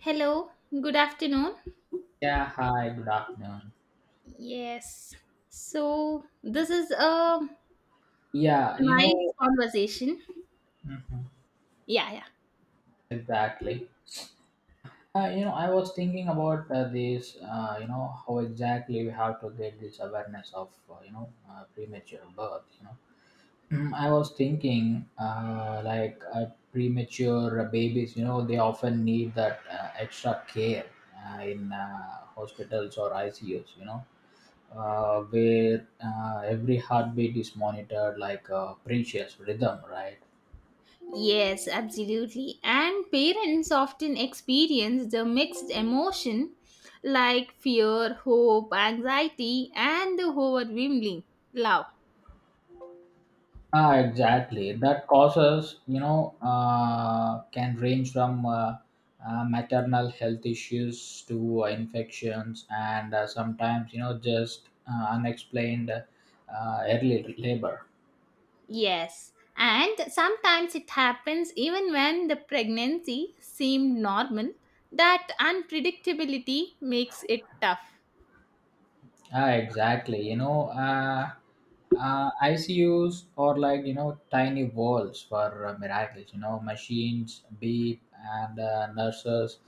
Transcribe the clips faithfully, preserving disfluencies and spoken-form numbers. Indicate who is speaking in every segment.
Speaker 1: Hello, good afternoon.
Speaker 2: Yeah, hi, good afternoon.
Speaker 1: Yes. So, this is a
Speaker 2: Yeah, you
Speaker 1: nice
Speaker 2: know,
Speaker 1: conversation.
Speaker 2: mhm,
Speaker 1: Yeah, yeah.
Speaker 2: exactly. Uh, you know, I was thinking about uh, this, uh, you know, how exactly we have to get this awareness of, uh, you know, uh, premature birth, you know. Mm, I was thinking, uh, like, uh, premature babies, you know, they often need that uh, extra care uh, in uh, hospitals or I C Us, you know. Uh, where uh, every heartbeat is monitored like a precious rhythm, right?
Speaker 1: Yes, absolutely. And parents often experience the mixed emotion like fear, hope, anxiety, and the overwhelming love.
Speaker 2: Ah, exactly. That causes, you know, uh, can range from uh, uh, maternal health issues to uh, infections and uh, sometimes, you know, just uh, unexplained uh, early labor.
Speaker 1: Yes. And sometimes it happens even when the pregnancy seemed normal, that unpredictability makes it tough.
Speaker 2: Ah, exactly. You know, uh, uh, I C Us are like, you know, tiny walls for uh, miracles. You know, machines beep and uh, nurses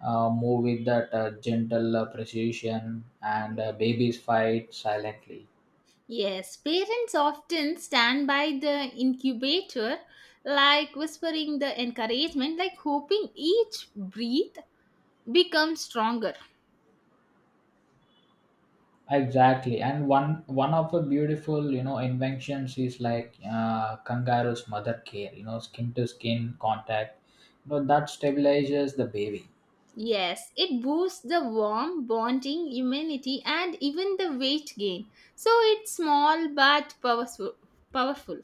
Speaker 2: uh, move with that uh, gentle uh, precision and uh, babies fight silently.
Speaker 1: Yes, parents often stand by the incubator, like whispering the encouragement, like hoping each breath becomes stronger.
Speaker 2: Exactly. And one one of the beautiful, you know, inventions is like uh, kangaroo's mother care, you know, skin to skin contact. You know, that stabilizes the baby.
Speaker 1: Yes, it boosts the warm bonding, immunity, and even the weight gain. So it's small but powerful. Powerful.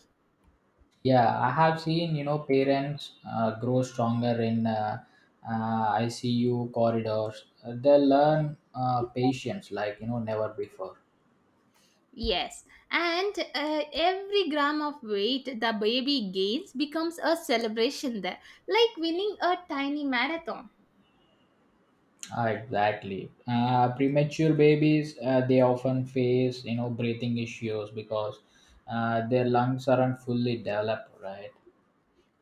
Speaker 2: Yeah, I have seen, you know, parents uh, grow stronger in uh, uh, I C U corridors. Uh, They learn uh, patience like, you know, never before.
Speaker 1: Yes, and uh, every gram of weight the baby gains becomes a celebration there, like winning a tiny marathon.
Speaker 2: Ah, Exactly. Uh, premature babies, uh, they often face, you know, breathing issues because uh, their lungs aren't fully developed, right?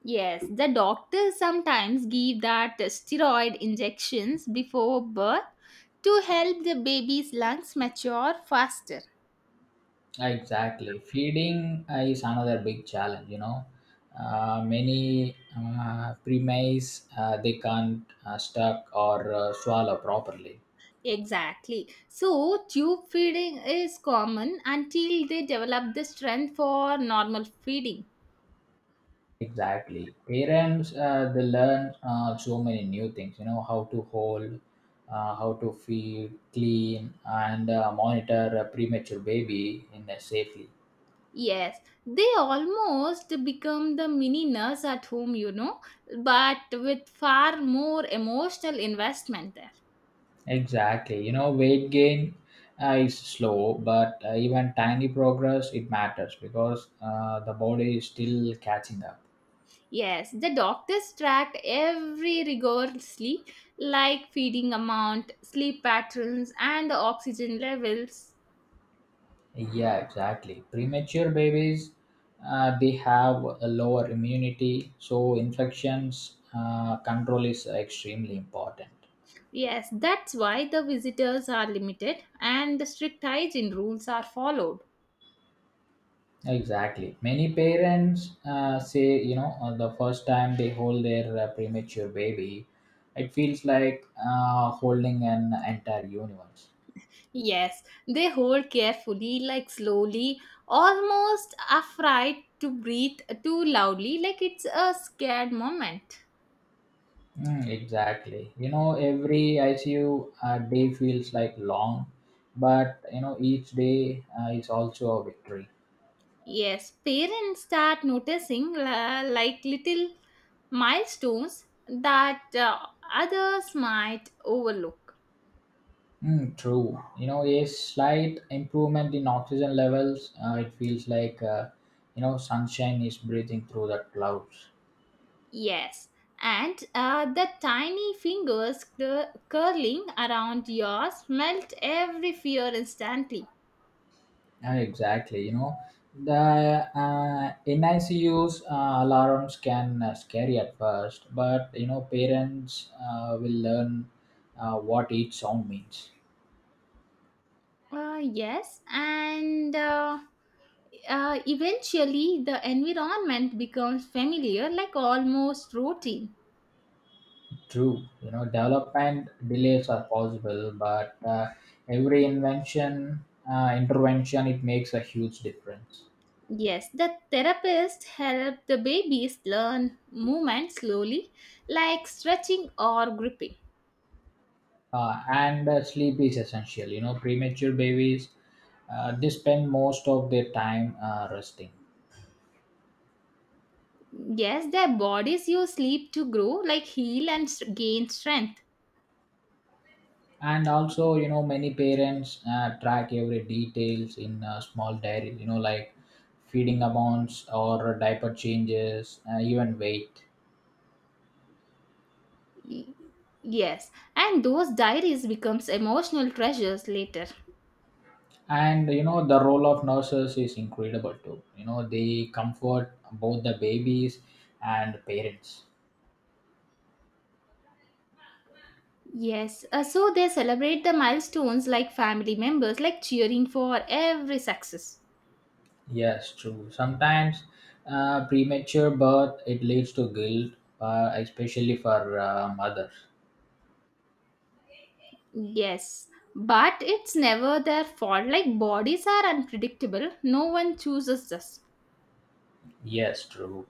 Speaker 1: Yes, the doctors sometimes give that steroid injections before birth to help the baby's lungs mature faster.
Speaker 2: Exactly. Feeding uh, is another big challenge, you know. Uh, many uh, premise uh, they can't uh, stuck or uh, swallow properly.
Speaker 1: Exactly. So, tube feeding is common until they develop the strength for normal feeding.
Speaker 2: Exactly. Parents uh, they learn uh, so many new things, you know, how to hold, uh, how to feed, clean, and uh, monitor a premature baby in a safely.
Speaker 1: Yes, they almost become the mini nurse at home, you know, but with far more emotional investment there.
Speaker 2: Exactly. You know, weight gain uh, is slow, but uh, even tiny progress it matters because uh, the body is still catching up.
Speaker 1: Yes, the doctors tracked every rigorously, like feeding amount, sleep patterns, and the oxygen levels.
Speaker 2: Yeah, exactly. Premature babies uh, they have a lower immunity, so infections uh, control is extremely important.
Speaker 1: Yes, that's why the visitors are limited and the strict hygiene rules are followed.
Speaker 2: Exactly. Many parents uh, say, you know, uh, the first time they hold their uh, premature baby, it feels like uh, holding an entire universe.
Speaker 1: Yes, they hold carefully, like slowly, almost afraid to breathe too loudly, like it's a scared moment.
Speaker 2: Mm, exactly. You know, every I C U uh, day feels like long, but you know, each day uh, is also a victory.
Speaker 1: Yes, parents start noticing uh, like little milestones that uh, others might overlook.
Speaker 2: Mm, true. You know, a slight improvement in oxygen levels, uh, it feels like uh, you know, sunshine is breathing through the clouds.
Speaker 1: Yes, and uh, the tiny fingers cur- curling around yours melt every fear instantly.
Speaker 2: Uh, exactly. You know, the uh, NICU's uh, alarms can uh, scary at first, but you know, parents uh, will learn uh, what each sound means.
Speaker 1: Uh, yes, and uh, uh, eventually the environment becomes familiar, like almost routine.
Speaker 2: True, you know, development delays are possible, but uh, every invention, uh, intervention, it makes a huge difference.
Speaker 1: Yes, the therapist help the babies learn movement slowly, like stretching or gripping.
Speaker 2: Uh, and uh, sleep is essential. You know, premature babies, uh, they spend most of their time uh, resting.
Speaker 1: Yes, their bodies use sleep to grow, like heal and s- gain strength.
Speaker 2: And also, you know, many parents uh, track every details in a small diary. You know, like feeding amounts or diaper changes, uh, even weight.
Speaker 1: Y- Yes, and those diaries becomes emotional treasures later.
Speaker 2: and you know the role of nurses is incredible too, you know they comfort both the babies and parents.
Speaker 1: Yes, uh, so they celebrate the milestones like family members, like cheering for every success.
Speaker 2: Yes, true. Sometimes uh, premature birth it leads to guilt, uh, especially for uh, mothers.
Speaker 1: Yes, but it's never their fault. Like bodies are unpredictable. No one chooses us.
Speaker 2: Yes, true.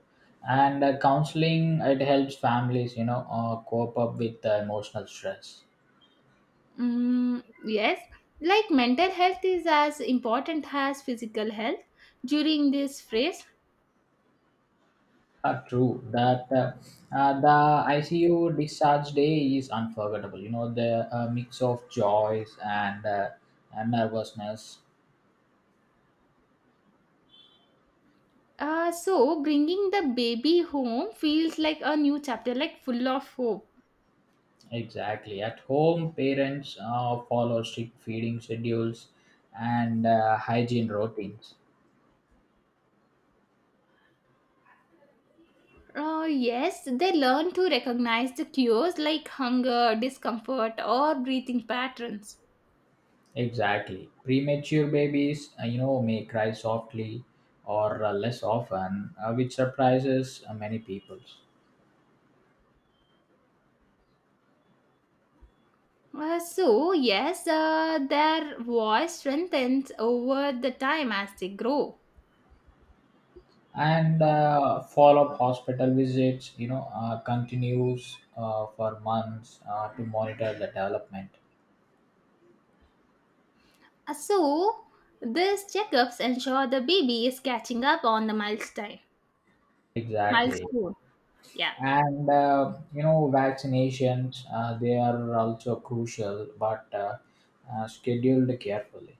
Speaker 2: And uh, counseling it helps families, you know uh, cope up with the emotional stress.
Speaker 1: Mm, yes, like mental health is as important as physical health during this phase.
Speaker 2: Uh, true that uh, uh, the I C U discharge day is unforgettable. You know the uh, mix of joys and, uh, and nervousness.
Speaker 1: Uh, so, bringing the baby home feels like a new chapter, like full of hope.
Speaker 2: Exactly. At home, parents uh, follow strict feeding schedules and uh, hygiene routines.
Speaker 1: Uh, yes, they learn to recognize the cues like hunger, discomfort, or breathing patterns.
Speaker 2: Exactly. Premature babies, uh, you know, may cry softly or uh, less often, uh, which surprises uh, many people.
Speaker 1: Uh, so, yes, uh, their voice strengthens over the time as they grow.
Speaker 2: and uh, follow-up hospital visits, you know uh, continues uh, for months uh, to monitor the development.
Speaker 1: Uh, So, these checkups ensure the baby is catching up on the milestone.
Speaker 2: Exactly.
Speaker 1: Milestone, yeah.
Speaker 2: And uh, you know vaccinations uh, they are also crucial, but uh, uh, scheduled carefully.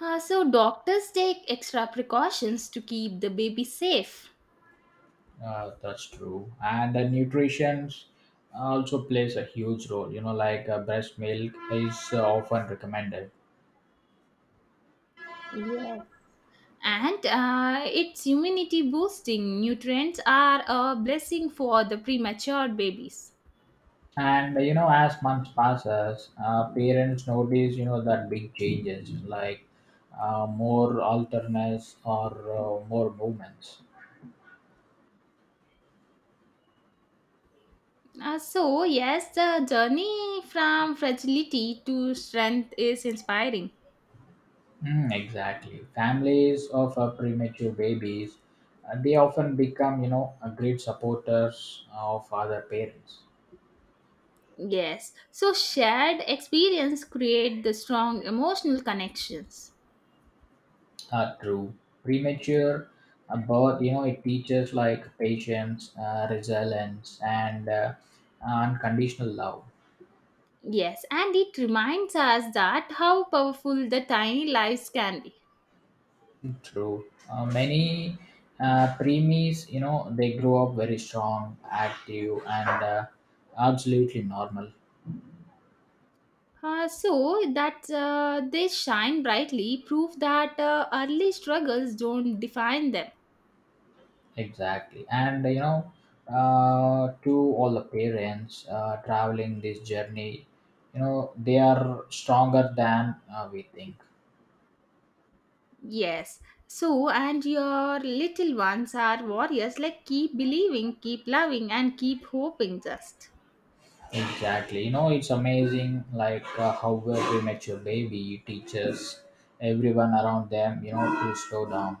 Speaker 1: Uh, so, doctors take extra precautions to keep the baby safe.
Speaker 2: uh, That's true. And the nutrition also plays a huge role, you know like uh, breast milk is uh, often recommended.
Speaker 1: Yes. And uh, its immunity boosting nutrients are a blessing for the premature babies.
Speaker 2: And you know, as months passes, uh, parents notice, you know that big changes like uh, more alternates or uh, more movements.
Speaker 1: Uh, so, yes, the journey from fragility to strength is inspiring.
Speaker 2: Mm, exactly, families of uh, premature babies, uh, they often become, you know a great supporters of other parents.
Speaker 1: Yes. So shared experience create the strong emotional connections.
Speaker 2: Uh, true, premature uh, birth, you know, it teaches like patience, uh, resilience, and uh, unconditional love.
Speaker 1: Yes, and it reminds us that how powerful the tiny lives can be.
Speaker 2: True. Uh, many uh, preemies, you know, they grow up very strong, active, and uh, absolutely normal.
Speaker 1: Uh, so that uh, they shine brightly prove that uh, early struggles don't define them.
Speaker 2: Exactly. And, you know, uh, to all the parents uh, traveling this journey, you know, they are stronger than uh, we think.
Speaker 1: Yes. So and your little ones are warriors like keep believing, keep loving and keep hoping just.
Speaker 2: Exactly. You know, it's amazing, like, uh, how a premature baby teaches everyone around them, you know, to slow down.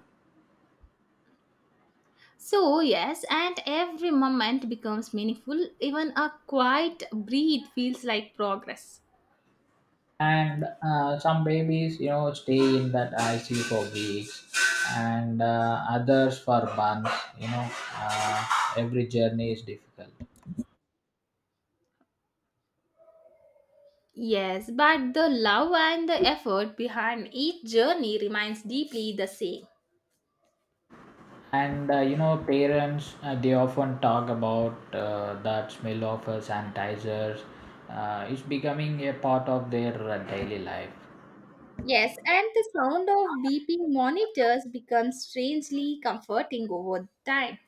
Speaker 1: So, yes, and every moment becomes meaningful. Even a quiet breathe feels like progress.
Speaker 2: And uh, some babies, you know stay in that I C U for weeks and uh, others for months. you know uh, every journey is difficult.
Speaker 1: Yes, but the love and the effort behind each journey remains deeply the same.
Speaker 2: And uh, you know parents uh, they often talk about uh, that smell of uh, sanitizers, uh, it's becoming a part of their uh, daily life.
Speaker 1: Yes, and the sound of beeping monitors becomes strangely comforting over time.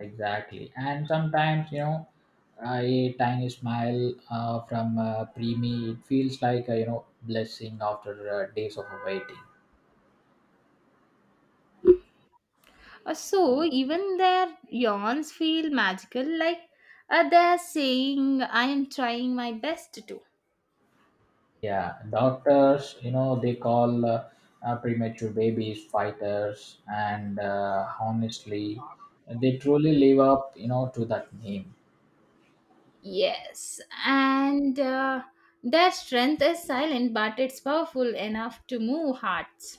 Speaker 2: Exactly. And sometimes, you know a tiny smile uh, from uh, preemie it feels like a, you know blessing after uh, days of waiting.
Speaker 1: Uh, So, even their yawns feel magical, like uh, they're saying, I am trying my best too.
Speaker 2: Yeah, doctors, you know, they call, uh, uh, premature babies fighters, and uh, honestly, they truly live up, you know, to that name.
Speaker 1: Yes, and uh, their strength is silent, but it's powerful enough to move hearts.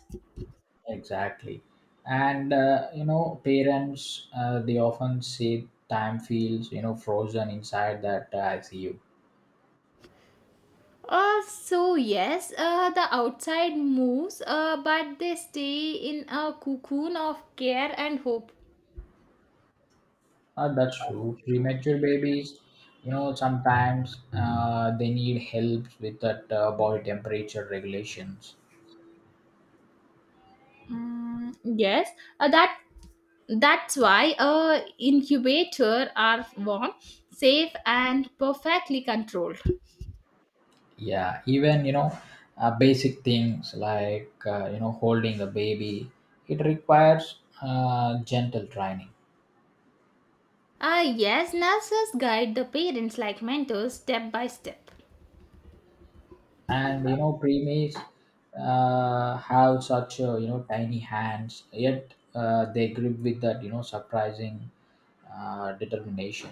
Speaker 2: Exactly. And uh, you know, parents, uh, they often say time feels, you know, frozen inside that uh, I C U.
Speaker 1: Uh, so yes, uh, the outside moves, uh, but they stay in a cocoon of care and hope.
Speaker 2: Uh, that's true. Premature babies, you know, sometimes uh, they need help with that uh, body temperature regulations.
Speaker 1: Mm, yes, uh, that that's why uh, incubator are warm, safe, and perfectly controlled.
Speaker 2: Yeah, even, you know uh, basic things like uh, you know holding a baby, it requires uh, gentle training.
Speaker 1: Uh, yes, nurses guide the parents like mentors step by step.
Speaker 2: And you know preemies uh, have such uh, you know tiny hands, yet uh, they grip with that, you know surprising uh, determination.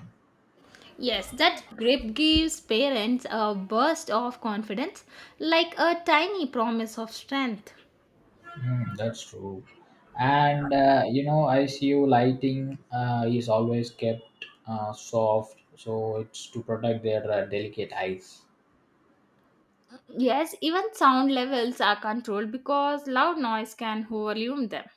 Speaker 1: Yes, that grip gives parents a burst of confidence, like a tiny promise of strength.
Speaker 2: Mm, that's true. And uh, you know icu lighting uh, is always kept uh, soft, so it's to protect their uh, delicate eyes.
Speaker 1: Yes, even sound levels are controlled because loud noise can overwhelm them.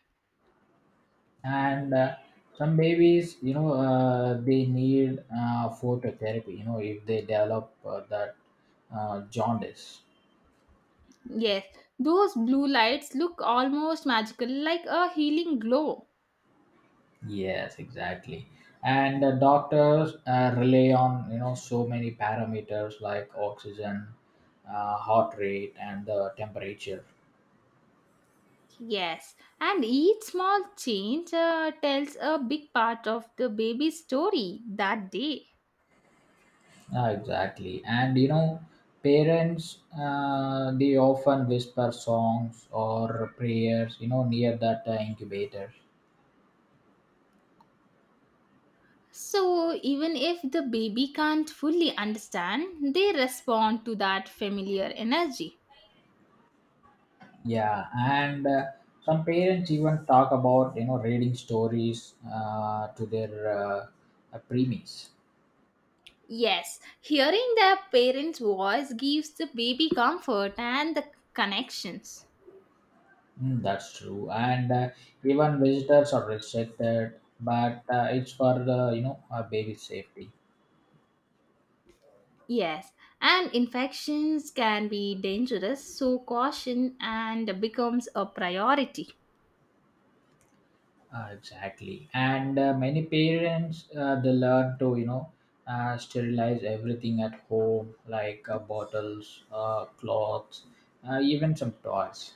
Speaker 2: And uh, some babies, you know uh, they need uh, phototherapy, you know if they develop uh, that uh, jaundice.
Speaker 1: Yes, those blue lights look almost magical, like a healing glow.
Speaker 2: Yes, exactly. And uh, doctors uh, rely on, you know so many parameters like oxygen, uh, heart rate and the temperature.
Speaker 1: Yes, and each small change uh, tells a big part of the baby's story that day.
Speaker 2: Ah, exactly. And, you know, parents uh, they often whisper songs or prayers, you know, near that uh, incubator.
Speaker 1: So, even if the baby can't fully understand, they respond to that familiar energy.
Speaker 2: Yeah, and uh, some parents even talk about, you know reading stories uh, to their uh, uh, preemies.
Speaker 1: Yes, hearing their parents' voice gives the baby comfort and the connections.
Speaker 2: Mm, that's true, and uh, even visitors are restricted, but uh, it's for the, you know uh, baby safety.
Speaker 1: Yes, and infections can be dangerous, so caution and becomes a priority.
Speaker 2: Uh, exactly, and uh, many parents uh, they learn to, you know uh, sterilize everything at home, like uh, bottles, uh, cloths, uh, even some toys.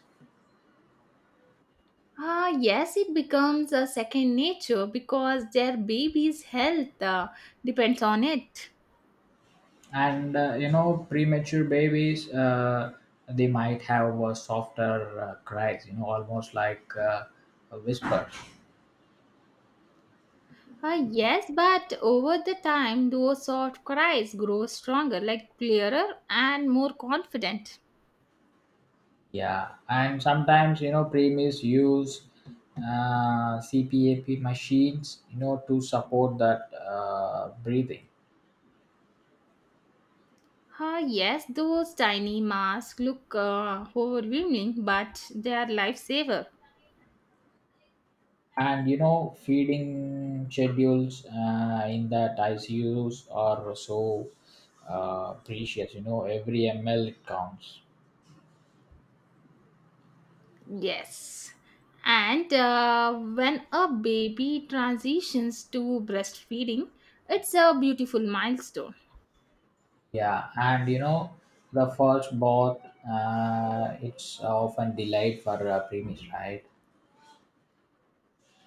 Speaker 1: Ah, yes, it becomes a second nature because their baby's health uh, depends on it.
Speaker 2: and uh, you know premature babies uh, they might have uh, softer uh, cries, you know almost like uh, a whisper.
Speaker 1: Uh, yes, but over the time, those soft cries grow stronger, like clearer and more confident.
Speaker 2: Yeah, and sometimes, you know premies use uh, cpap machines, you know to support that uh, breathing.
Speaker 1: Ah yes, those tiny masks look uh, overwhelming, but they are lifesaver.
Speaker 2: And you know feeding schedules uh, in that icus are so uh, precious, you know every m l it counts.
Speaker 1: Yes. And uh, when a baby transitions to breastfeeding, it's a beautiful milestone.
Speaker 2: Yeah, and, you know, the first bot, uh, it's often delayed for uh, premise, right?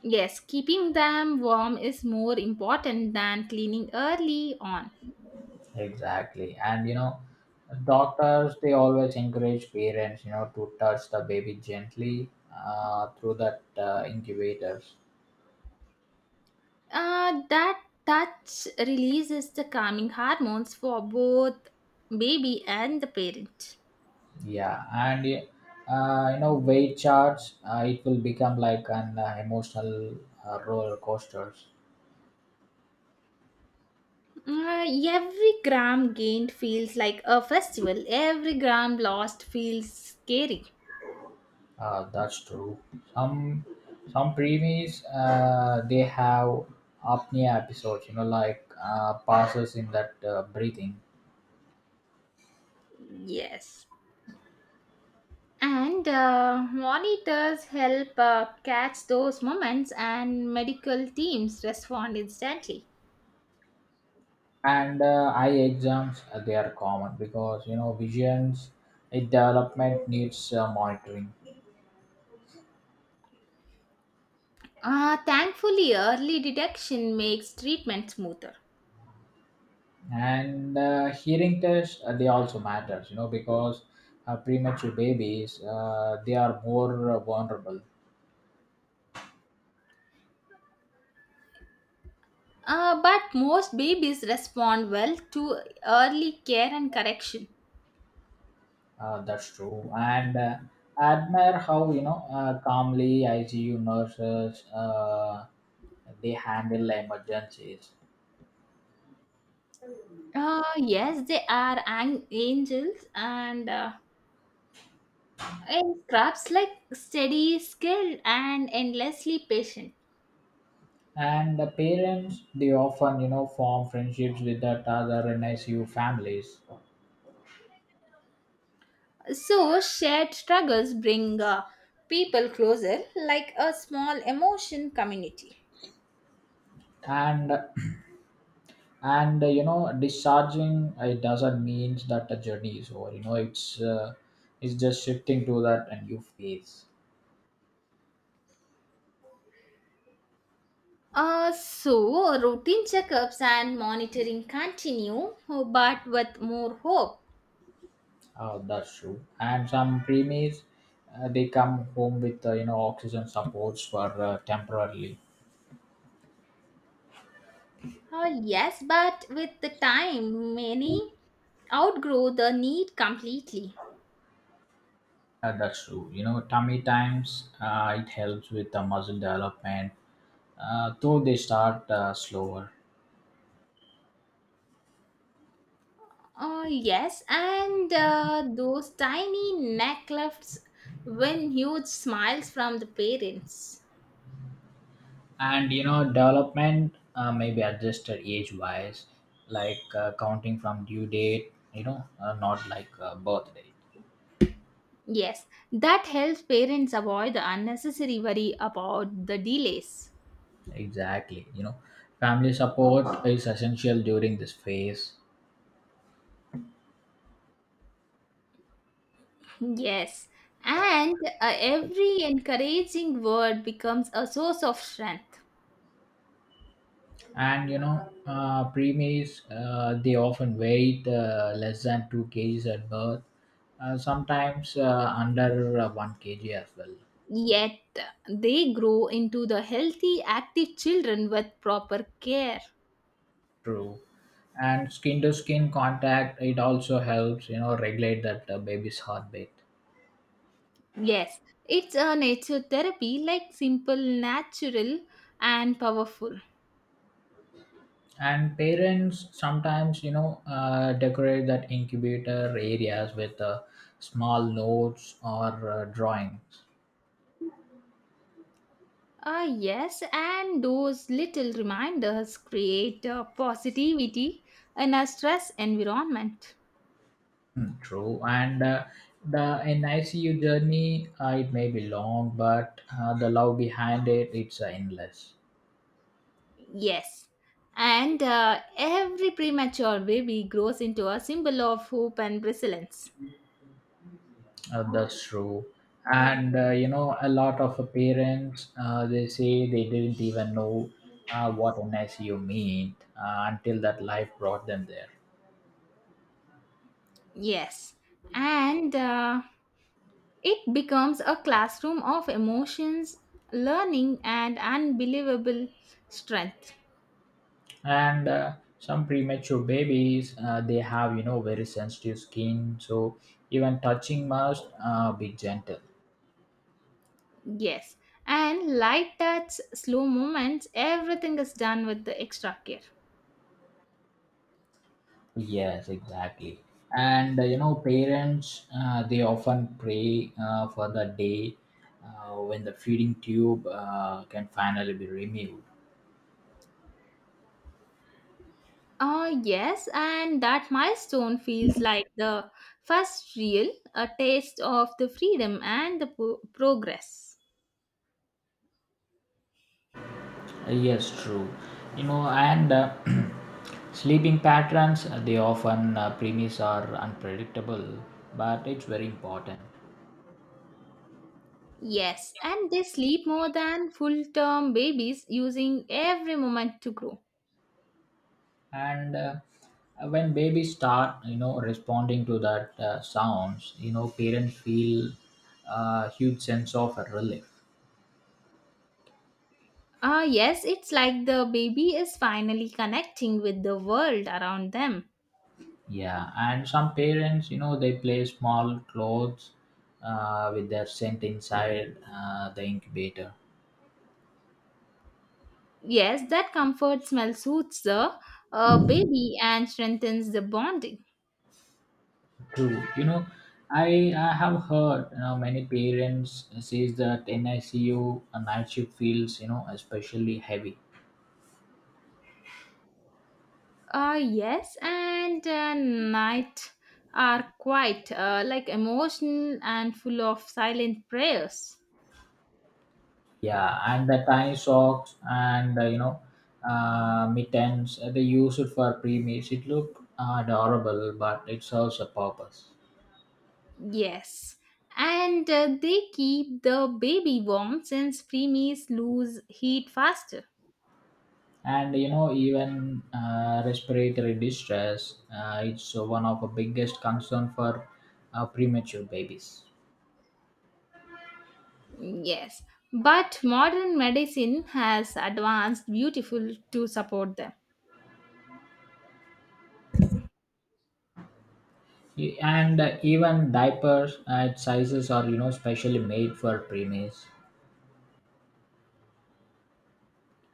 Speaker 1: Yes, keeping them warm is more important than cleaning early on.
Speaker 2: Exactly. And, you know, doctors, they always encourage parents, you know, to touch the baby gently uh, through that uh, incubators.
Speaker 1: Uh, that touch releases the calming hormones for both baby and the parent.
Speaker 2: Yeah, and uh, you know, weight charts, uh, it will become like an uh, emotional uh, roller coaster.
Speaker 1: Uh, every gram gained feels like a festival. Every gram lost feels scary.
Speaker 2: Uh, that's true. Some some preemies uh, they have apnea episodes, you know, like uh, passes in that uh, breathing.
Speaker 1: Yes. And uh, monitors help uh, catch those moments, and medical teams respond instantly.
Speaker 2: And uh, eye exams uh, they are common because, you know visions, it development needs uh, monitoring,
Speaker 1: Uh, thankfully, early detection makes treatment smoother.
Speaker 2: and uh, hearing tests uh, they also matters, you know, because uh, premature babies uh, they are more uh, vulnerable.
Speaker 1: Uh, but most babies respond well to early care and correction.
Speaker 2: Uh, that's true. And uh, I admire how, you know, uh, calmly I C U nurses, uh, they handle emergencies.
Speaker 1: Uh, yes, they are an- angels and uh, and crabs like steady, skilled, and endlessly patient.
Speaker 2: And the parents, they often, you know, form friendships with that other NICU families.
Speaker 1: So shared struggles bring uh, people closer, like a small emotion community.
Speaker 2: And, and uh, you know, discharging, uh, it doesn't mean that the journey is over. You know, it's, uh, it's just shifting to that a new phase.
Speaker 1: Uh, so routine checkups and monitoring continue, but with more hope.
Speaker 2: Oh, that's true. And some preemies, uh, they come home with, uh, you know oxygen supports for uh, temporarily.
Speaker 1: Oh, yes, but with the time, many outgrow the need completely.
Speaker 2: Uh, that's true. You know, tummy times uh, it helps with the muscle development, uh, though they start uh, slower.
Speaker 1: Oh, yes, and uh, those tiny necklets win huge smiles from the parents.
Speaker 2: And, you know, development uh, may be adjusted age-wise, like uh, counting from due date. You know, uh, not like uh, birth date.
Speaker 1: Yes, that helps parents avoid the unnecessary worry about the delays.
Speaker 2: Exactly. You know, family support is essential during this phase.
Speaker 1: Yes, and uh, every encouraging word becomes a source of strength.
Speaker 2: and you know uh, preemies uh, they often weight uh, less than two kgs at birth, uh, sometimes uh, under uh, one k g as well.
Speaker 1: Yet, they grow into the healthy, active children with proper care.
Speaker 2: True. And skin to skin contact it also helps, you know regulate that uh, baby's heartbeat.
Speaker 1: Yes, it's a nature therapy, like simple, natural, and powerful.
Speaker 2: And parents sometimes, you know uh, decorate that incubator areas with uh, small notes or uh, drawings.
Speaker 1: Ah, yes, and those little reminders create uh, positivity in a stress environment.
Speaker 2: Mm, True, and uh, the in I C U journey, uh, it may be long, but uh, the love behind it, it's uh, endless.
Speaker 1: Yes, and uh, every premature baby grows into a symbol of hope and resilience.
Speaker 2: Uh, that's true, and uh, you know, a lot of uh, parents, uh, they say they didn't even know uh, what NICU meant uh, until that life brought them there.
Speaker 1: Yes, and uh, it becomes a classroom of emotions, learning, and unbelievable strength.
Speaker 2: And uh, some premature babies, uh, they have, you know very sensitive skin, so even touching must uh, be gentle.
Speaker 1: Yes. And like that slow moments, everything is done with the extra care.
Speaker 2: Yes, exactly. And uh, you know, parents uh, they often pray uh, for the day uh, when the feeding tube uh, can finally be removed.
Speaker 1: Uh, yes, and that milestone feels like the first real a taste of the freedom and the po- progress.
Speaker 2: Uh, Yes, true. You know, and uh, Sleeping patterns uh, they often uh, premise are unpredictable, but it's very important.
Speaker 1: Yes, and they sleep more than full term babies, using every moment to grow.
Speaker 2: And uh, when babies start, you know, responding to that uh, sounds, you know, parents feel a huge sense of relief.
Speaker 1: Ah, yes, it's like the baby is finally connecting with the world around them.
Speaker 2: Yeah, and some parents, you know, they play small clothes uh, with their scent inside uh, the incubator.
Speaker 1: Yes, that comfort smell soothes the uh, baby and strengthens the bonding.
Speaker 2: True, you know, I I have heard, you know many parents says that NICU uh, night shift feels, you know especially heavy.
Speaker 1: Uh, yes, and uh, night are quite uh, like emotional and full of silent prayers.
Speaker 2: Yeah, and the tiny socks and uh, you know uh, mittens uh, they use it for pre-meals. It look uh, adorable, but it serves a purpose.
Speaker 1: Yes, and uh, they keep the baby warm since preemies lose heat faster.
Speaker 2: and you know even uh, respiratory distress, uh, it's one of the biggest concern for uh, premature babies.
Speaker 1: Yes, but modern medicine has advanced beautiful to support them.
Speaker 2: Y- and uh, even diapers uh, its sizes are, you know specially made for preemies.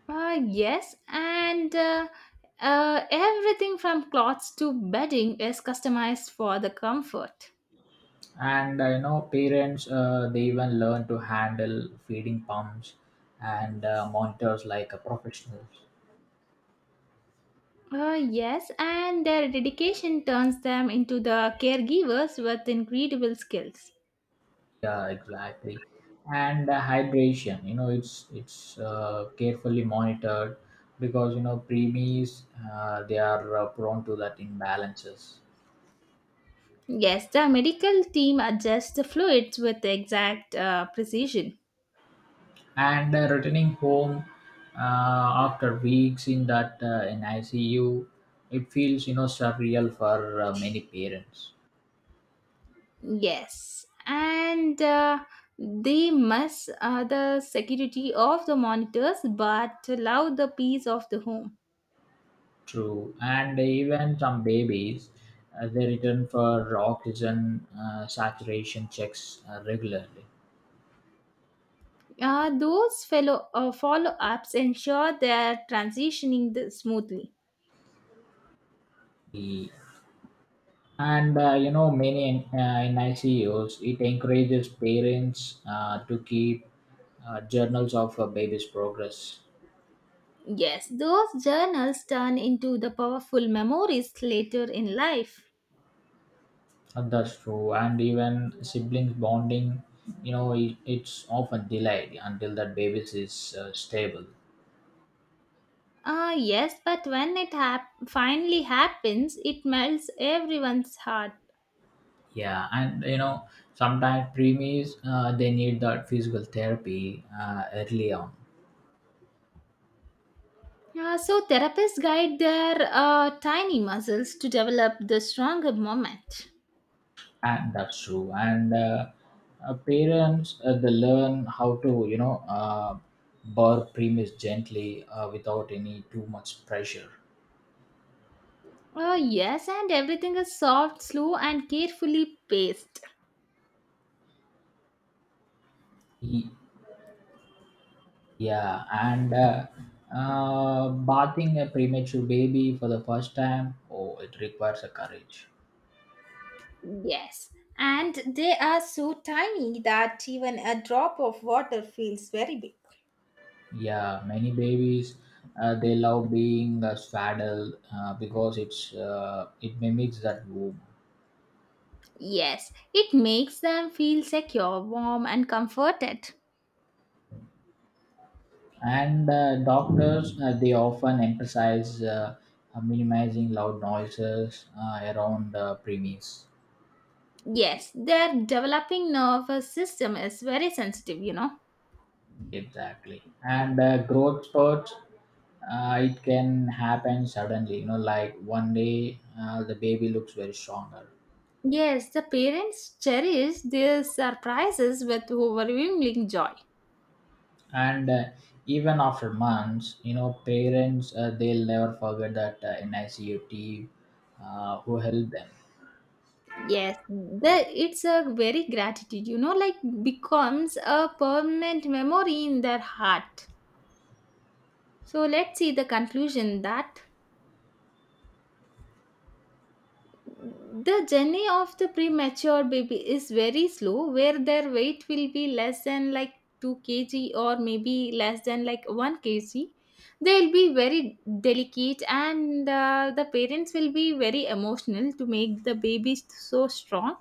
Speaker 1: Uh, yes, and uh, uh, everything from clothes to bedding is customized for the comfort.
Speaker 2: And uh, you know parents uh, they even learn to handle feeding pumps and uh, monitors like a professionals.
Speaker 1: Uh, yes, and their dedication turns them into the caregivers with incredible skills.
Speaker 2: Yeah, exactly. And the hydration, you know, it's it's uh, carefully monitored because, you know preemies uh, they are uh, prone to that imbalances.
Speaker 1: Yes, the medical team adjusts the fluids with exact uh, precision.
Speaker 2: And uh, returning home uh, after weeks in that uh, in I C U, it feels, you know surreal for uh, many parents.
Speaker 1: Yes, and uh, they miss uh, the security of the monitors but love the peace of the home.
Speaker 2: True, and even some babies uh, they return for oxygen uh, saturation checks uh, regularly.
Speaker 1: Uh, those fellow uh, follow-ups ensure they're transitioning th- smoothly.
Speaker 2: and uh, you know many uh, NICOs it encourages parents uh, to keep uh, journals of a baby's progress.
Speaker 1: Yes, those journals turn into the powerful memories later in life.
Speaker 2: And that's true, and even siblings bonding, you know, it, it's often delayed until that baby is uh, stable.
Speaker 1: Ah, yes, but when it hap- finally happens, it melts everyone's heart.
Speaker 2: Yeah, and you know sometimes preemies uh, they need that physical therapy uh, early on.
Speaker 1: Uh, so therapists guide their uh, tiny muscles to develop the stronger moment.
Speaker 2: And that's true. And uh, uh, parents uh, they learn how to, you know uh, burr premise gently uh, without any too much pressure.
Speaker 1: Uh, yes, and everything is soft, slow, and carefully paced.
Speaker 2: Ye- yeah and uh, uh, bathing a premature baby for the first time, oh, it requires a courage.
Speaker 1: Yes, and they are so tiny that even a drop of water feels very big.
Speaker 2: Yeah, many babies uh, they love being uh, swaddled uh, because it's uh, it mimics that womb.
Speaker 1: Yes, it makes them feel secure, warm, and comforted.
Speaker 2: And uh, doctors uh, they often emphasize uh, uh, minimizing loud noises uh, around the premise.
Speaker 1: Yes, their developing nervous system is very sensitive, you know.
Speaker 2: Exactly. And uh, growth spurts uh, it can happen suddenly, you know like one day uh, the baby looks very stronger.
Speaker 1: Yes, the parents cherish their surprises with overwhelming joy.
Speaker 2: And uh, even after months, you know parents uh, they'll never forget that uh, nicu team uh, who helped them.
Speaker 1: Yes, the, it's a very gratitude, you know, like becomes a permanent memory in their heart. So let's see the conclusion that the journey of the premature baby is very slow, where their weight will be less than like two kilograms, or maybe less than like one kilogram. They'll be very delicate, and uh, the parents will be very emotional to make the baby so strong,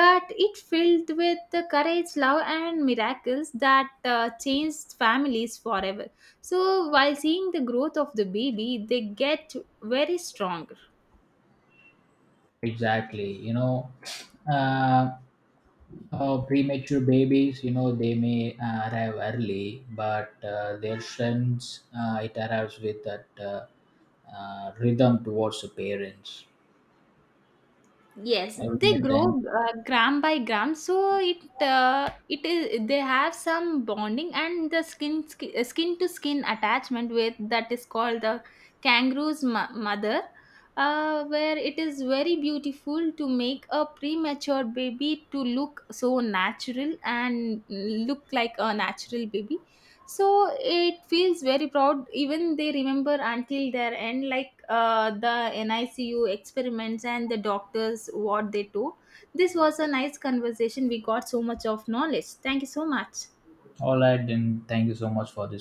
Speaker 1: but it filled with the courage, love, and miracles that uh, changed families forever. So while seeing the growth of the baby, they get very strong.
Speaker 2: Exactly. you know uh, Uh, premature babies, you know, they may uh, arrive early, but uh, their sense uh, it arrives with that uh, uh, rhythm towards the parents.
Speaker 1: Yes,
Speaker 2: All
Speaker 1: they
Speaker 2: right, then.
Speaker 1: grow uh, gram by gram, so it uh, it is they have some bonding and the skin sk- uh, skin to skin attachment with that is called the kangaroo's mo- mother, uh, where it is very beautiful to make a premature baby to look so natural and look like a natural baby. So it feels very proud, even they remember until their end like uh, the nicu experiments and the doctors what they do. This was a nice conversation. We got so much of knowledge. Thank you so much.
Speaker 2: All right, then. Thank you so much for this.